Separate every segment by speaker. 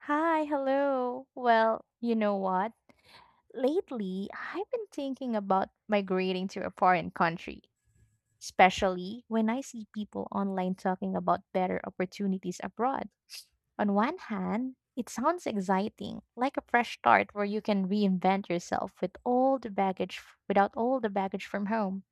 Speaker 1: Hi, hello. Well, you know what? Lately, I've been thinking about migrating to a foreign country, especially when I see people online talking about better opportunities abroad. On one hand, it sounds exciting, like a fresh start where you can reinvent yourself with all the baggage without all the baggage from home.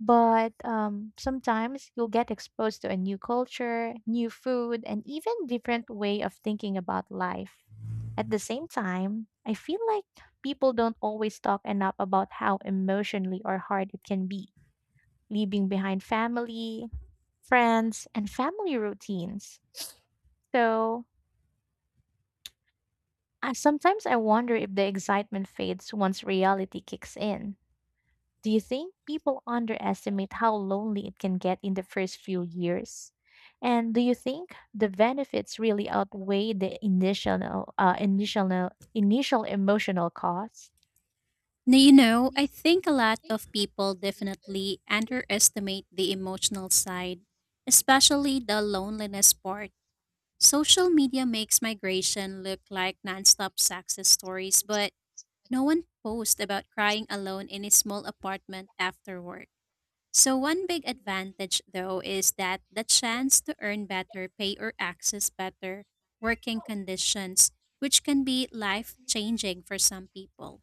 Speaker 1: But sometimes you'll get exposed to a new culture, new food, and even different way of thinking about life. At the same time, I feel like people don't always talk enough about how emotionally or hard it can be, leaving behind family, friends, and family routines. So sometimes I wonder if the excitement fades once reality kicks in. Do you think people underestimate how lonely it can get in the first few years? And do you think the benefits really outweigh the initial emotional cost?
Speaker 2: Now, I think a lot of people definitely underestimate the emotional side, especially the loneliness part. Social media makes migration look like nonstop success stories, but no one posts about crying alone in a small apartment after work. So, one big advantage, though, is that the chance to earn better pay or access better working conditions, which can be life changing for some people.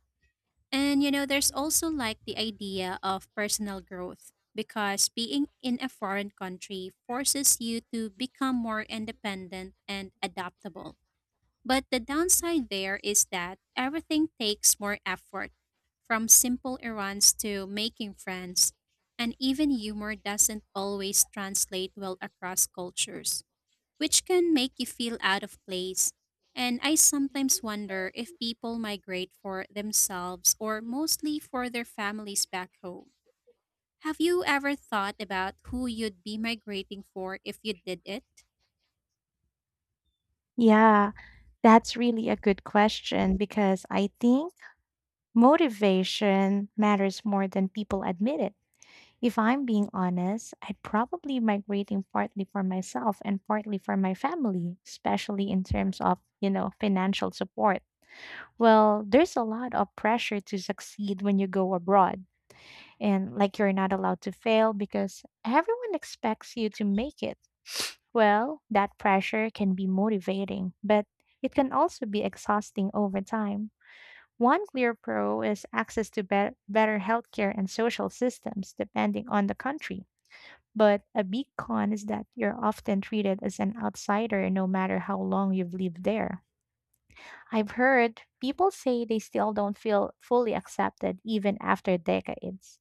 Speaker 2: And there's also like the idea of personal growth because being in a foreign country forces you to become more independent and adaptable. But the downside there is that everything takes more effort, from simple errands to making friends, and even humor doesn't always translate well across cultures which can make you feel out of place. And I sometimes wonder if people migrate for themselves or mostly for their families back home. Have you ever thought about who you'd be migrating for if you did it?
Speaker 1: Yeah, that's really a good question because I think motivation matters more than people admit it. If I'm being honest, I'd probably migrating partly for myself and partly for my family, especially in terms of, you know, financial support. Well, there's a lot of pressure to succeed when you go abroad, and like you're not allowed to fail because everyone expects you to make it. Well, that pressure can be motivating, but it can also be exhausting over time. One clear pro is access to bet better healthcare and social systems depending on the country. But a big con is that you're often treated as an outsider no matter how long you've lived there. I've heard people say they still don't feel fully accepted even after decades.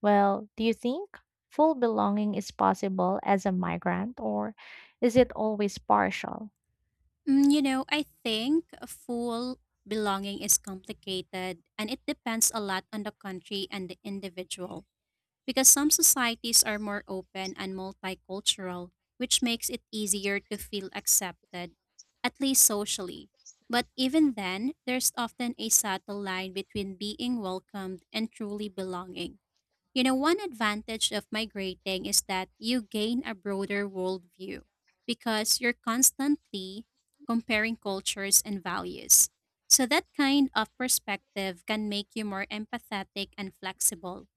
Speaker 1: Well, do you think full belonging is possible as a migrant, or is it always partial?
Speaker 2: Mm, I think full belonging is complicated and it depends a lot on the country and the individual, because some societies are more open and multicultural, which makes it easier to feel accepted, at least socially. But even then, there's often a subtle line between being welcomed and truly belonging. One advantage of migrating is that you gain a broader worldview because you're constantly comparing cultures and values. So, that kind of perspective can make you more empathetic and flexible.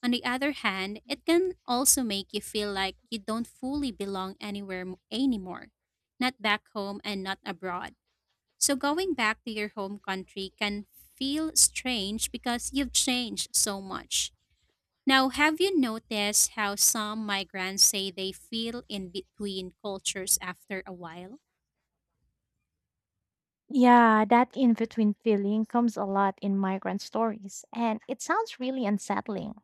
Speaker 2: On the other hand, it can also make you feel like you don't fully belong anywhere anymore, not back home and not abroad. So going back to your home country can feel strange because you've changed so much. Now, have you noticed how some migrants say they feel in between cultures after a while?
Speaker 1: Yeah, that in between feeling comes a lot in migrant stories, and it sounds really unsettling.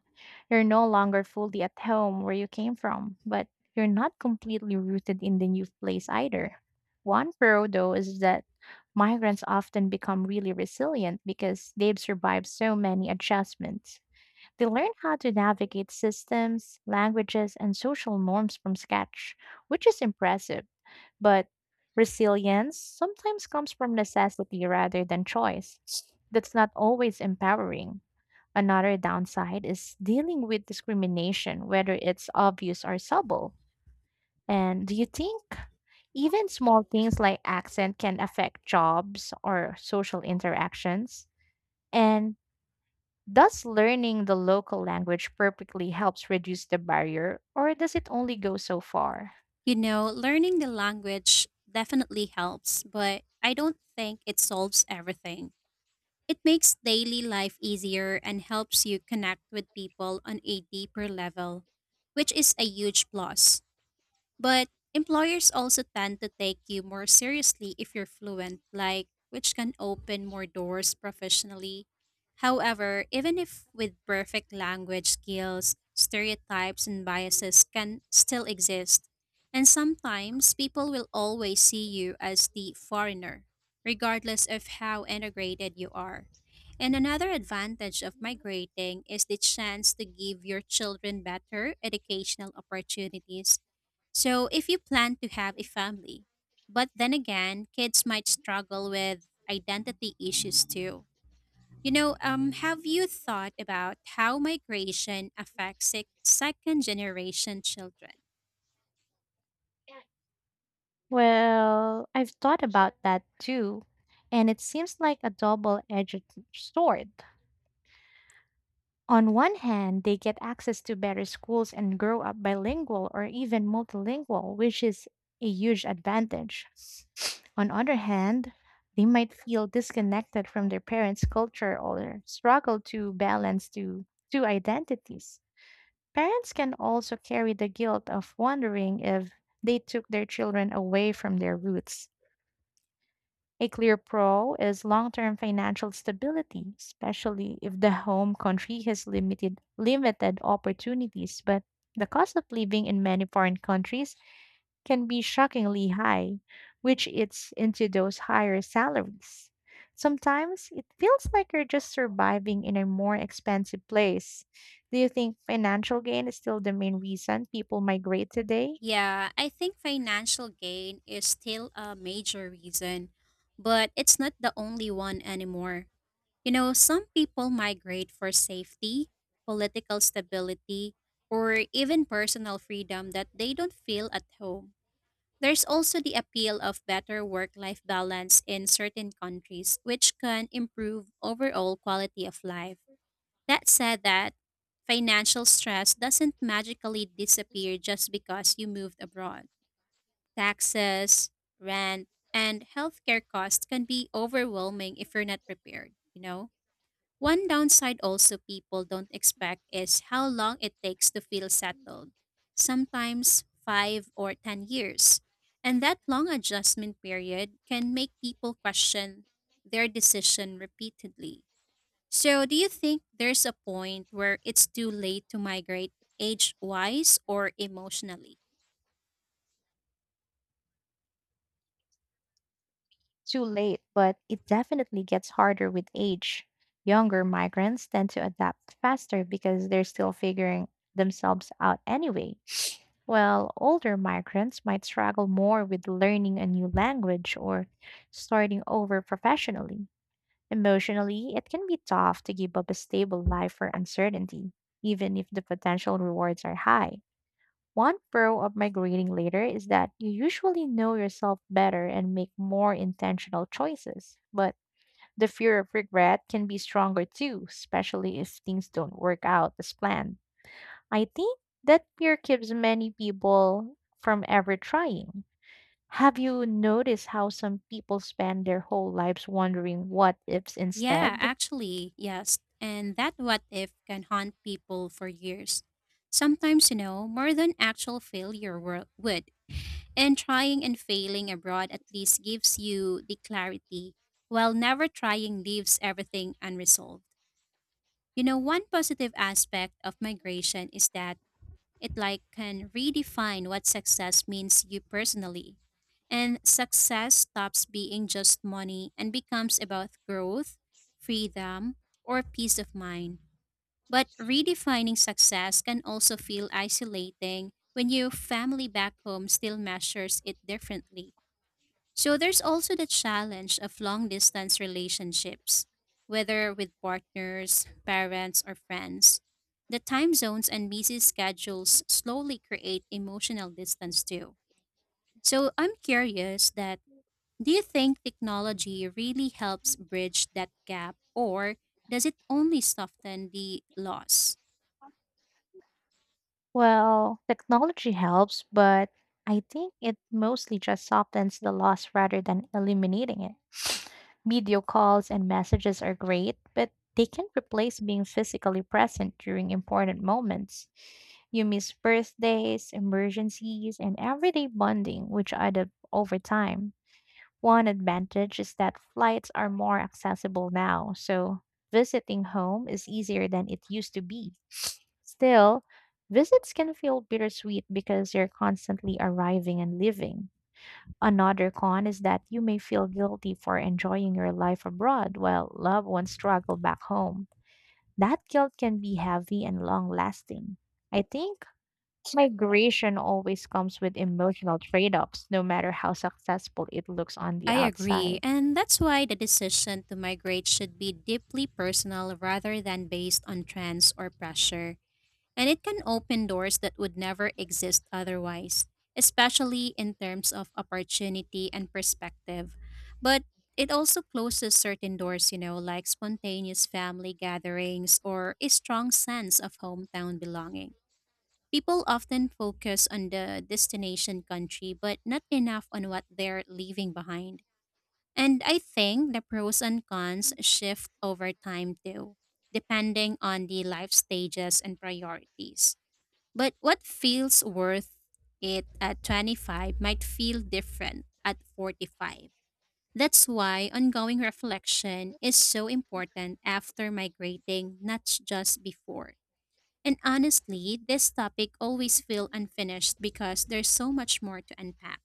Speaker 1: You're no longer fully at home where you came from, but you're not completely rooted in the new place either. One pro, though, is that migrants often become really resilient because they've survived so many adjustments. They learn how to navigate systems, languages, and social norms from scratch, which is impressive. But resilience sometimes comes from necessity rather than choice. That's not always empowering. Another downside is dealing with discrimination, whether it's obvious or subtle. And do you think even small things like accent can affect jobs or social interactions? And does learning the local language perfectly helps reduce the barrier, or does it only go so far?
Speaker 2: Learning the language definitely helps, but I don't think it solves everything. It makes daily life easier and helps you connect with people on a deeper level, which is a huge plus. But employers also tend to take you more seriously if you're fluent, like which can open more doors professionally. However, even if with perfect language skills, stereotypes and biases can still exist. And sometimes people will always see you as the foreigner, regardless of how integrated you are. And another advantage of migrating is the chance to give your children better educational opportunities, so if you plan to have a family, but then again, kids might struggle with identity issues too. Have you thought about how migration affects second generation children?
Speaker 1: Well, I've thought about that too, and it seems like a double edged sword. On one hand, they get access to better schools and grow up bilingual or even multilingual, which is a huge advantage. On other hand, they might feel disconnected from their parents' culture or struggle to balance two identities. Parents can also carry the guilt of wondering if they took their children away from their roots. A clear pro is long term financial stability, especially if the home country has limited opportunities. But the cost of living in many foreign countries can be shockingly high, which eats into those higher salaries. Sometimes it feels like you're just surviving in a more expensive place. Do you think financial gain is still the main reason people migrate today?
Speaker 2: Yeah, I think financial gain is still a major reason, but it's not the only one anymore. Some people migrate for safety, political stability, or even personal freedom that they don't feel at home. There's also the appeal of better work life balance in certain countries, which can improve overall quality of life. That said, that financial stress doesn't magically disappear just because you moved abroad. Taxes, rent, and healthcare costs can be overwhelming if you're not prepared, you know? One downside also people don't expect is how long it takes to feel settled, sometimes 5 or 10 years. And that long adjustment period can make people question their decision repeatedly. So, do you think there's a point where it's too late to migrate, age wise or emotionally?
Speaker 1: Too late, but it definitely gets harder with age. Younger migrants tend to adapt faster because they're still figuring themselves out anyway, while older migrants might struggle more with learning a new language or starting over professionally. Emotionally, it can be tough to give up a stable life for uncertainty, even if the potential rewards are high. One pro of migrating later is that you usually know yourself better and make more intentional choices. But the fear of regret can be stronger too, especially if things don't work out as planned. I think that fear keeps many people from ever trying. Have you noticed how some people spend their whole lives wondering what ifs
Speaker 2: Yeah,
Speaker 1: instead?
Speaker 2: actually, yes. And that what if can haunt people for years. Sometimes, you know, more than actual failure would. And trying and failing abroad at least gives you the clarity, while never trying leaves everything unresolved. One positive aspect of migration is that it like can redefine what success means to you personally. And success stops being just money and becomes about growth, freedom, or peace of mind. But redefining success can also feel isolating when your family back home still measures it differently. So there's also the challenge of long distance relationships, whether with partners, parents, or friends. The time zones and busy schedules slowly create emotional distance too. So I'm curious that do you think technology really helps bridge that gap, or does it only soften the loss?
Speaker 1: Well, technology helps, but I think it mostly just softens the loss rather than eliminating it. Video calls and messages are great, but they can't replace being physically present during important moments. You miss birthdays, emergencies, and everyday bonding, which add up over time. One advantage is that flights are more accessible now, so visiting home is easier than it used to be. Still, visits can feel bittersweet because you're constantly arriving and leaving. Another con is that you may feel guilty for enjoying your life abroad while loved ones struggle back home. That guilt can be heavy and long lasting. I think migration always comes with emotional trade offs, no matter how successful it looks on the
Speaker 2: I agree,
Speaker 1: outside.
Speaker 2: and that's why the decision to migrate should be deeply personal rather than based on trends or pressure. And it can open doors that would never exist otherwise, especially in terms of opportunity and perspective. But it also closes certain doors, you know, like spontaneous family gatherings or a strong sense of hometown belonging. People often focus on the destination country, but not enough on what they're leaving behind. And I think the pros and cons shift over time too, depending on the life stages and priorities. But what feels worth it at 25 might feel different at 45. That's why ongoing reflection is so important after migrating, not just before. And honestly, this topic always feels unfinished because there's so much more to unpack.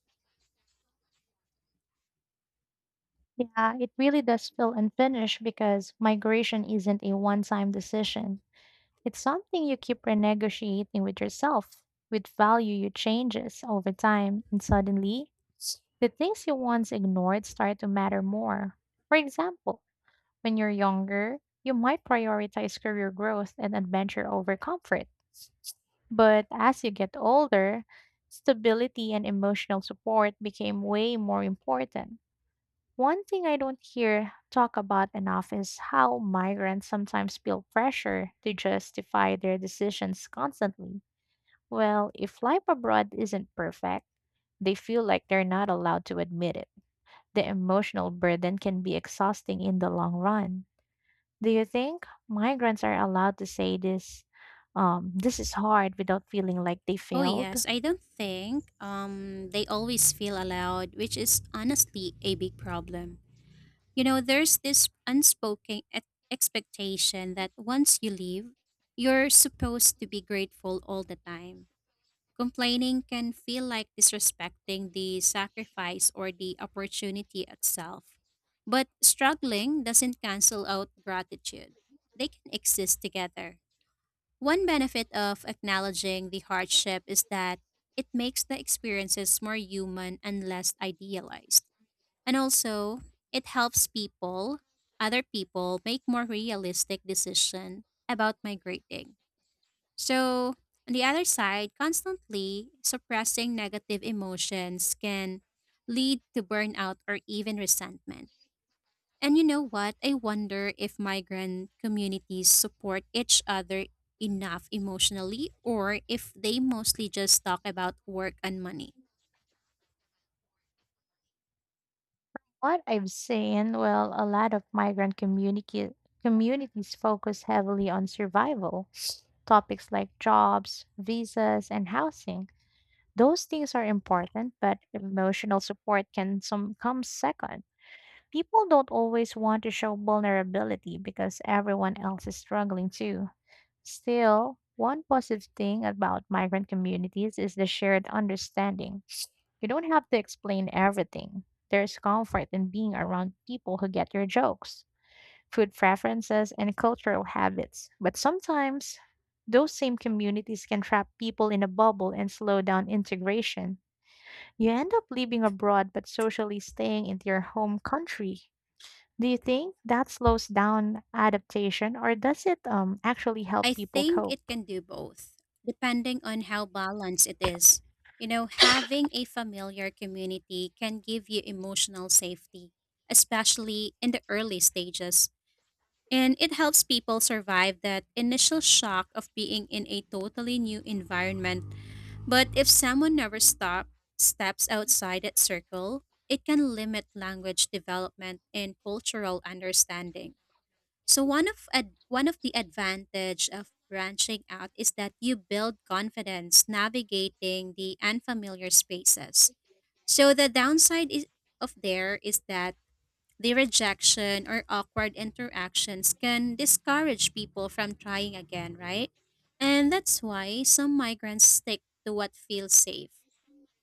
Speaker 1: Yeah, it really does feel unfinished because migration isn't a one time decision. It's something you keep renegotiating with yourself, with value you changes over time, and suddenly, the things you once ignored start to matter more. For example, when you're younger, you might prioritize career growth and adventure over comfort. But as you get older, stability and emotional support became way more important. One thing I don't hear talk about enough is how migrants sometimes feel pressure to justify their decisions constantly. Well, if life abroad isn't perfect, they feel like they're not allowed to admit it. The emotional burden can be exhausting in the long run. Do you think migrants are allowed to say this? This is hard without feeling like they
Speaker 2: Oh
Speaker 1: failed.
Speaker 2: yes, I don't think they always feel allowed, which is honestly a big problem. There's this unspoken expectation that once you leave, you're supposed to be grateful all the time. Complaining can feel like disrespecting the sacrifice or the opportunity itself. But struggling doesn't cancel out gratitude, they can exist together. One benefit of acknowledging the hardship is that it makes the experiences more human and less idealized. And also, it helps people, other people, make more realistic decision about migrating. So, on the other side, constantly suppressing negative emotions can lead to burnout or even resentment. And you know what? I wonder if migrant communities support each other enough emotionally, or if they mostly just talk about work and money.
Speaker 1: What I've seen, well, a lot of communities focus heavily on survival topics like jobs, visas, and housing. Those things are important, but emotional support can some come second. People don't always want to show vulnerability because everyone else is struggling too. Still, one positive thing about migrant communities is the shared understanding. You don't have to explain everything. There's comfort in being around people who get your jokes food preferences, and cultural habits. But sometimes, those same communities can trap people in a bubble and slow down integration. You end up living abroad but socially staying in your home country. Do you think that slows down adaptation or does it actually help
Speaker 2: I
Speaker 1: people
Speaker 2: think it
Speaker 1: cope?
Speaker 2: can do both, depending on how balanced it is. Having a familiar community can give you emotional safety, especially in the early stages. And it helps people survive that initial shock of being in a totally new environment. But if someone never steps outside that circle, it can limit language development and cultural understanding. So one of the advantage of branching out is that you build confidence navigating the unfamiliar spaces. So the downside is that the rejection or awkward interactions can discourage people from trying again, right? And that's why some migrants stick to what feels safe.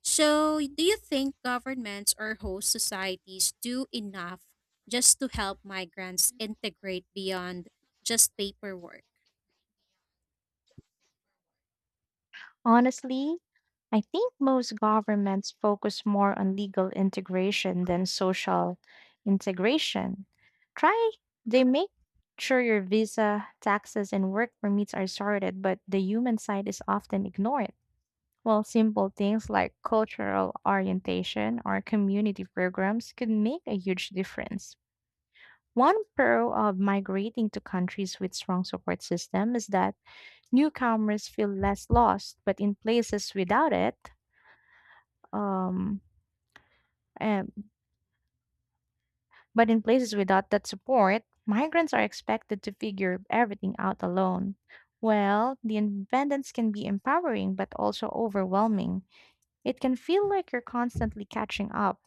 Speaker 2: So, do you think governments or host societies do enough just to help migrants integrate beyond just paperwork?
Speaker 1: Honestly, I think most governments focus more on legal integration than social integration. Try, they make sure your visa, taxes, and work permits are sorted, but the human side is often ignored. Well, simple things like cultural orientation or community programs could make a huge difference. One pro of migrating to countries with strong support system is that newcomers feel less lost, but in places without it, um, Um, but in places without that support, migrants are expected to figure everything out alone. Well, the independence can be empowering but also overwhelming. It can feel like you're constantly catching up.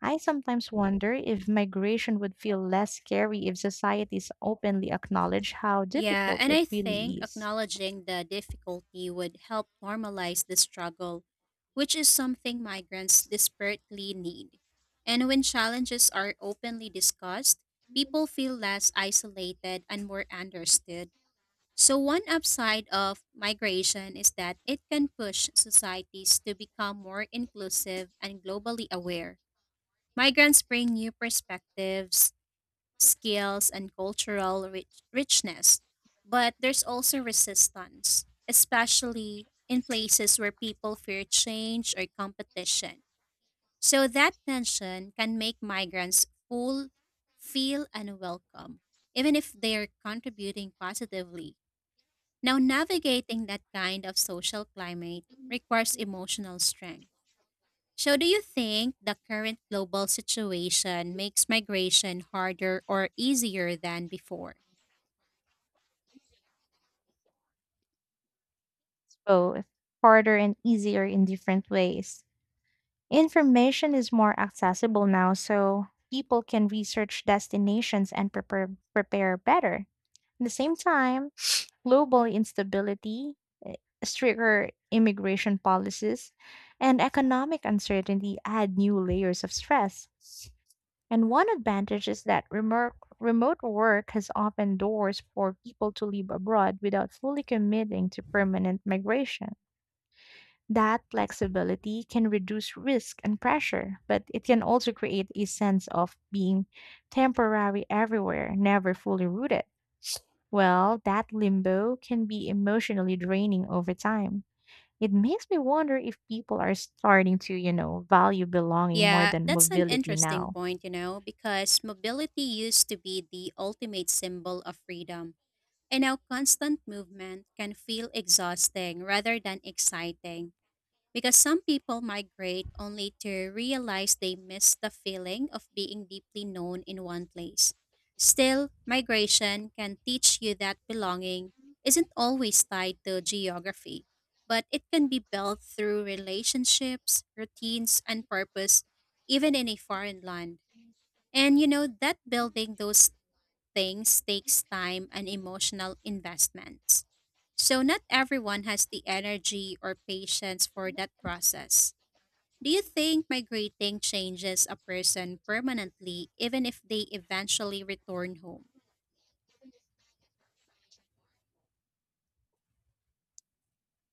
Speaker 1: I sometimes wonder if migration would feel less scary if societies openly acknowledge how
Speaker 2: Yeah,
Speaker 1: difficult
Speaker 2: and
Speaker 1: it
Speaker 2: I
Speaker 1: really
Speaker 2: think
Speaker 1: is.
Speaker 2: acknowledging the difficulty would help normalize the struggle, which is something migrants desperately need. And when challenges are openly discussed, people feel less isolated and more understood. So, one upside of migration is that it can push societies to become more inclusive and globally aware. Migrants bring new perspectives, skills, and cultural richness, but there's also resistance, especially in places where people fear change or competition. So, that tension can make migrants feel unwelcome, even if they're contributing positively. Now, navigating that kind of social climate requires emotional strength. So, do you think the current global situation makes migration harder or easier than before?
Speaker 1: Both harder and easier in different ways. Information is more accessible now, so people can research destinations and prepare better. At the same time, global instability, eh, stricter immigration policies, and economic uncertainty add new layers of stress. And one advantage is that remote work has opened doors for people to live abroad without fully committing to permanent migration. That flexibility can reduce risk and pressure, but it can also create a sense of being temporary everywhere, never fully rooted. Well, that limbo can be emotionally draining over time. It makes me wonder if people are starting to, you know, value belonging more
Speaker 2: Yeah,
Speaker 1: than
Speaker 2: that's an
Speaker 1: mobility
Speaker 2: interesting
Speaker 1: now.
Speaker 2: point, you know, because mobility used to be the ultimate symbol of freedom. And now constant movement can feel exhausting rather than exciting. Because some people migrate only to realize they miss the feeling of being deeply known in one place. Still, migration can teach you that belonging isn't always tied to geography, but it can be built through relationships, routines, and purpose, even in a foreign land. And that building those things takes time and emotional investments. So not everyone has the energy or patience for that process. Do you think migrating changes a person permanently even if they eventually return home?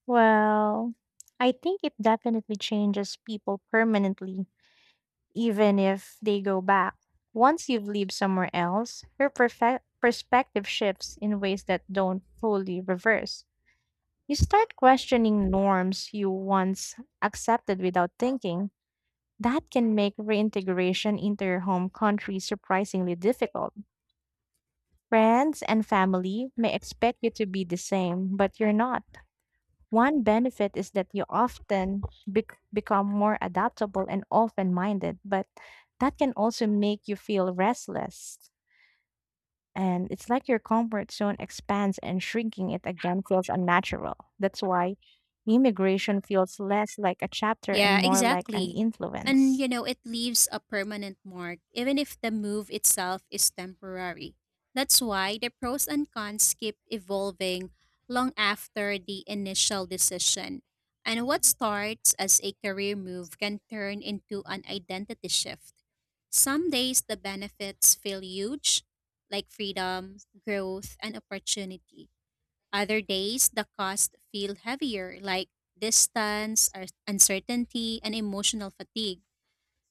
Speaker 1: Well, I think it definitely changes people permanently even if they go back. Once you've lived somewhere else, your perspective shifts in ways that don't fully reverse. You start questioning norms you once accepted without thinking. That can make reintegration into your home country surprisingly difficult. Friends and family may expect you to be the same, but you're not. One benefit is that you often become more adaptable and open minded, but that can also make you feel restless. And it's like your comfort zone expands and shrinking it again feels unnatural. That's why immigration feels less like a chapter and
Speaker 2: Yeah,
Speaker 1: more like an
Speaker 2: exactly. And
Speaker 1: influence.
Speaker 2: you know, it leaves a permanent mark, even if the move itself is temporary. That's why the pros and cons keep evolving long after the initial decision. And what starts as a career move can turn into an identity shift. Some days the benefits feel huge, like freedom, growth, and opportunity. Other days, the costs feel heavier, like distance, uncertainty, and emotional fatigue.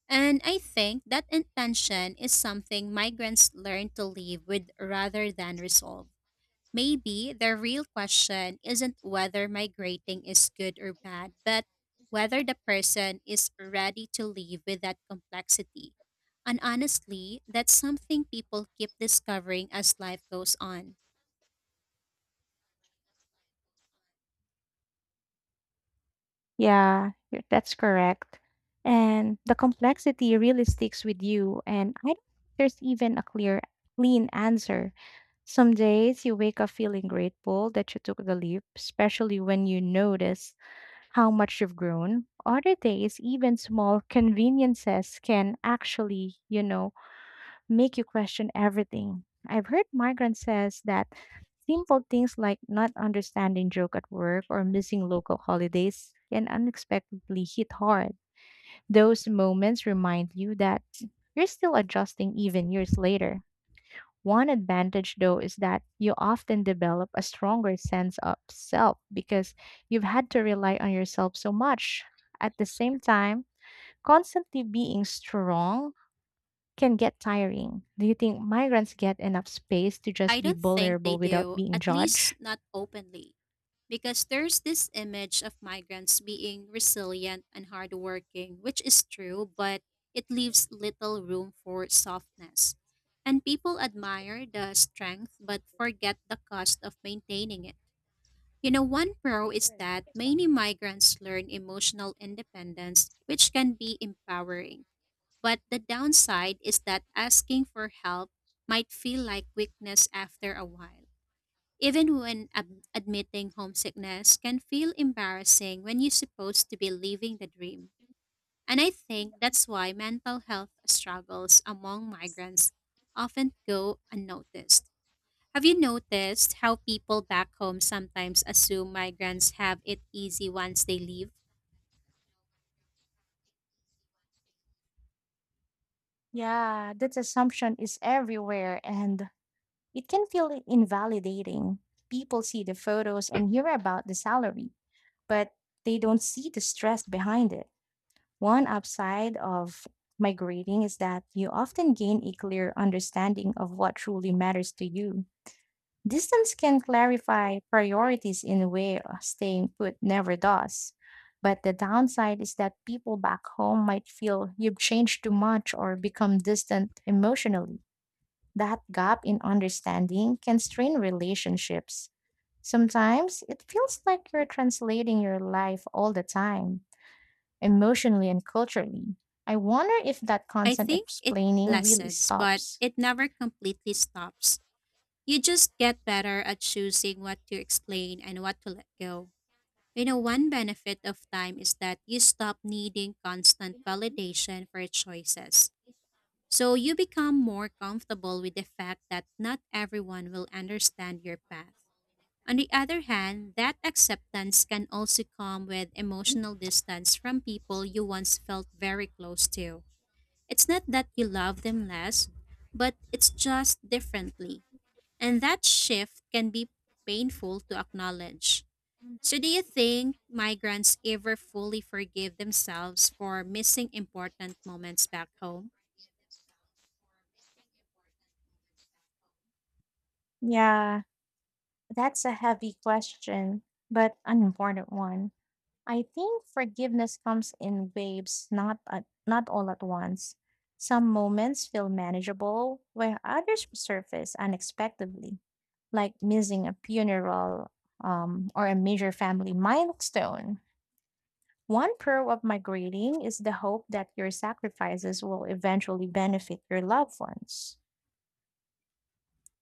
Speaker 2: And I think that intention is something migrants learn to live with rather than resolve. Maybe the real question isn't whether migrating is good or bad, but whether the person is ready to live with that complexity. And honestly, that's something people keep discovering as life goes on.
Speaker 1: Yeah, that's correct. And the complexity really sticks with you. And I don't think there's even a clean answer. Some days you wake up feeling grateful that you took the leap, especially when you notice how much you've grown. Other days, even small conveniences can actually, you know, make you question everything. I've heard migrants says that simple things like not understanding joke at work or missing local holidays can unexpectedly hit hard. Those moments remind you that you're still adjusting even years later. One advantage though is that you often develop a stronger sense of self because you've had to rely on yourself so much. At the same time, constantly being strong can get tiring. Do you think migrants get enough space to just
Speaker 2: I
Speaker 1: be
Speaker 2: don't think they
Speaker 1: vulnerable without
Speaker 2: do,
Speaker 1: being
Speaker 2: at least
Speaker 1: judged?
Speaker 2: not openly, because there's this image of migrants being resilient and hardworking, which is true, but it leaves little room for softness. And people admire the strength but forget the cost of maintaining it. One pro is that many migrants learn emotional independence, which can be empowering. But the downside is that asking for help might feel like weakness after a while. Even when admitting homesickness can feel embarrassing when you're supposed to be living the dream. And I think that's why mental health struggles among migrants often go unnoticed. Have you noticed how people back home sometimes assume migrants have it easy once they leave?
Speaker 1: Yeah, that assumption is everywhere and it can feel invalidating. People see the photos and hear about the salary, but they don't see the stress behind it. One upside of migrating is that you often gain a clear understanding of what truly matters to you. Distance can clarify priorities in a way staying put never does. But the downside is that people back home might feel you've changed too much or become distant emotionally. That gap in understanding can strain relationships. Sometimes it feels like you're translating your life all the time, emotionally and culturally. I wonder if that
Speaker 2: I
Speaker 1: constant
Speaker 2: think it
Speaker 1: explaining really
Speaker 2: lessens, but
Speaker 1: stops.
Speaker 2: it never completely stops. You just get better at choosing what to explain and what to let go. One benefit of time is that you stop needing constant validation for choices. So you become more comfortable with the fact that not everyone will understand your path. On the other hand, that acceptance can also come with emotional distance from people you once felt very close to. It's not that you love them less, but it's just differently. And that shift can be painful to acknowledge. So, do you think migrants ever fully forgive themselves for missing important moments back home?
Speaker 1: Yeah, that's a heavy question, but an important one. I think forgiveness comes in waves, not all at once. Some moments feel manageable, while others surface unexpectedly, like missing a funeral, or a major family milestone. One pearl of my greeting is the hope that your sacrifices will eventually benefit your loved ones.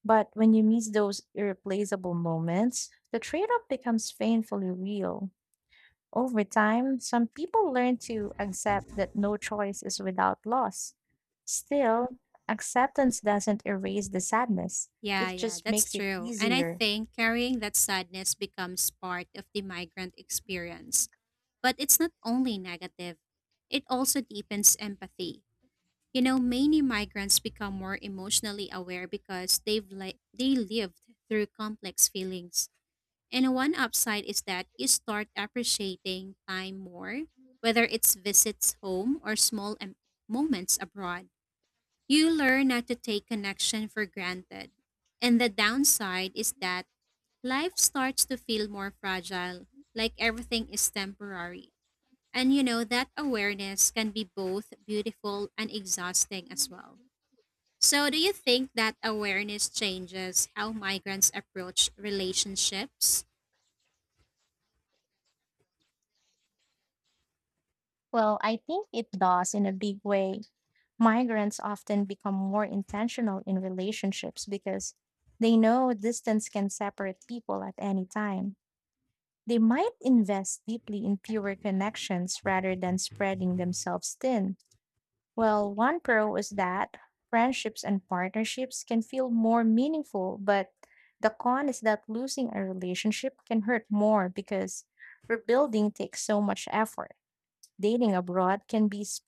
Speaker 1: But when you miss those irreplaceable moments, the trade off becomes painfully real. Over time, some people learn to accept that no choice is without loss. Still, acceptance doesn't erase the sadness,
Speaker 2: Yeah,
Speaker 1: it
Speaker 2: yeah,
Speaker 1: just
Speaker 2: that's
Speaker 1: makes it
Speaker 2: true. And I
Speaker 1: easier.
Speaker 2: think carrying that sadness becomes part of the migrant experience. But it's not only negative, it also deepens empathy. Many migrants become more emotionally aware because they lived through complex feelings. And one upside is that you start appreciating time more, whether it's visits home or small moments abroad. You learn not to take connection for granted. And the downside is that life starts to feel more fragile, like everything is temporary. And that awareness can be both beautiful and exhausting as well. So, do you think that awareness changes how migrants approach relationships?
Speaker 1: Well, I think it does in a big way. Migrants often become more intentional in relationships because they know distance can separate people at any time. They might invest deeply in fewer connections rather than spreading themselves thin. Well, one pro is that friendships and partnerships can feel more meaningful, but the con is that losing a relationship can hurt more because rebuilding takes so much effort. Dating abroad can be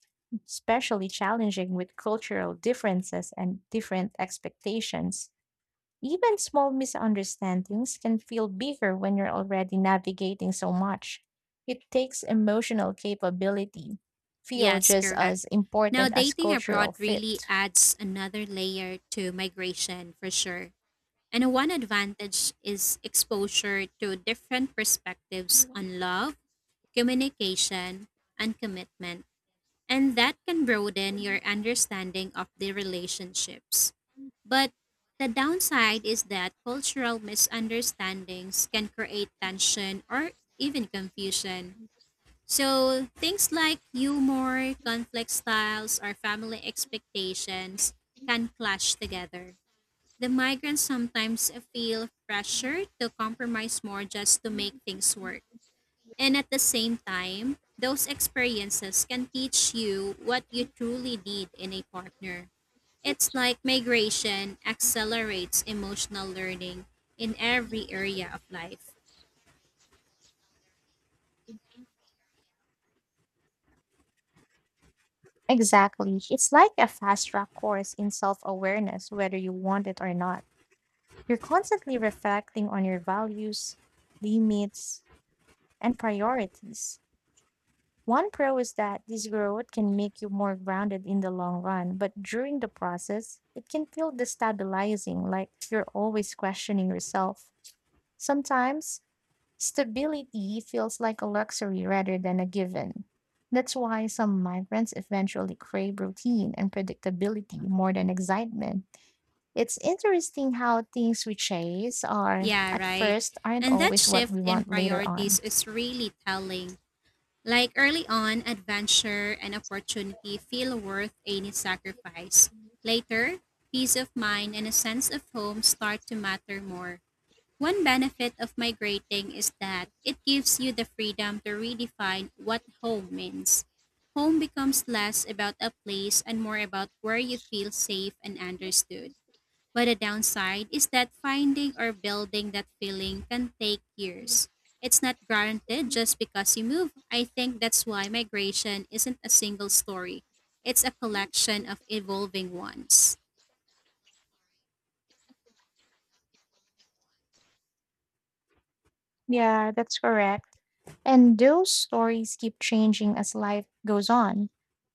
Speaker 1: especially challenging with cultural differences and different expectations. Even small misunderstandings can feel bigger when you're already navigating so much. It takes emotional capability, feel
Speaker 2: Yes,
Speaker 1: just
Speaker 2: correct.
Speaker 1: as
Speaker 2: Now,
Speaker 1: important as
Speaker 2: dating
Speaker 1: cultural
Speaker 2: abroad
Speaker 1: fit.
Speaker 2: really adds another layer to migration for sure. And one advantage is exposure to different perspectives on love, communication, and commitment. And that can broaden your understanding of the relationships. But the downside is that cultural misunderstandings can create tension or even confusion. So things like humor, conflict styles, or family expectations can clash together. The migrants sometimes feel pressure to compromise more just to make things work. And at the same time, those experiences can teach you what you truly need in a partner. It's like migration accelerates emotional learning in every area of life.
Speaker 1: Exactly. It's like a fast track course in self awareness, whether you want it or not. You're constantly reflecting on your values, limits, and priorities. One pro is that this growth can make you more grounded in the long run, but during the process, it can feel destabilizing, like you're always questioning yourself. Sometimes, stability feels like a luxury rather than a given. That's why some migrants eventually crave routine and predictability more than excitement. It's interesting how things we chase are
Speaker 2: Yeah,
Speaker 1: at
Speaker 2: right.
Speaker 1: first aren't
Speaker 2: And that
Speaker 1: always what
Speaker 2: shift
Speaker 1: we
Speaker 2: in
Speaker 1: want later on.
Speaker 2: priorities is really telling. Like early on, adventure and opportunity feel worth any sacrifice. Later, peace of mind and a sense of home start to matter more. One benefit of migrating is that it gives you the freedom to redefine what home means. Home becomes less about a place and more about where you feel safe and understood. But the downside is that finding or building that feeling can take years. It's not guaranteed just because you move. I think that's why migration isn't a single story. It's a collection of evolving ones.
Speaker 1: Yeah, that's correct. And those stories keep changing as life goes on.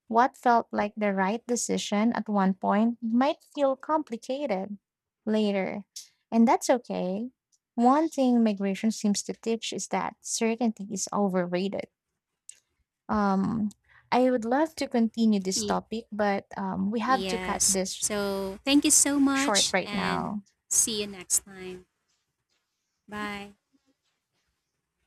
Speaker 1: What felt like the right decision at one point might feel complicated later. And that's okay. One thing migration seems to teach is that certainty is overrated. Um, I would love to continue this
Speaker 2: Ye-
Speaker 1: topic, but we have to cut
Speaker 2: Yes.
Speaker 1: this
Speaker 2: So, thank you so
Speaker 1: short
Speaker 2: much
Speaker 1: right
Speaker 2: and
Speaker 1: now.
Speaker 2: see you next time. Bye.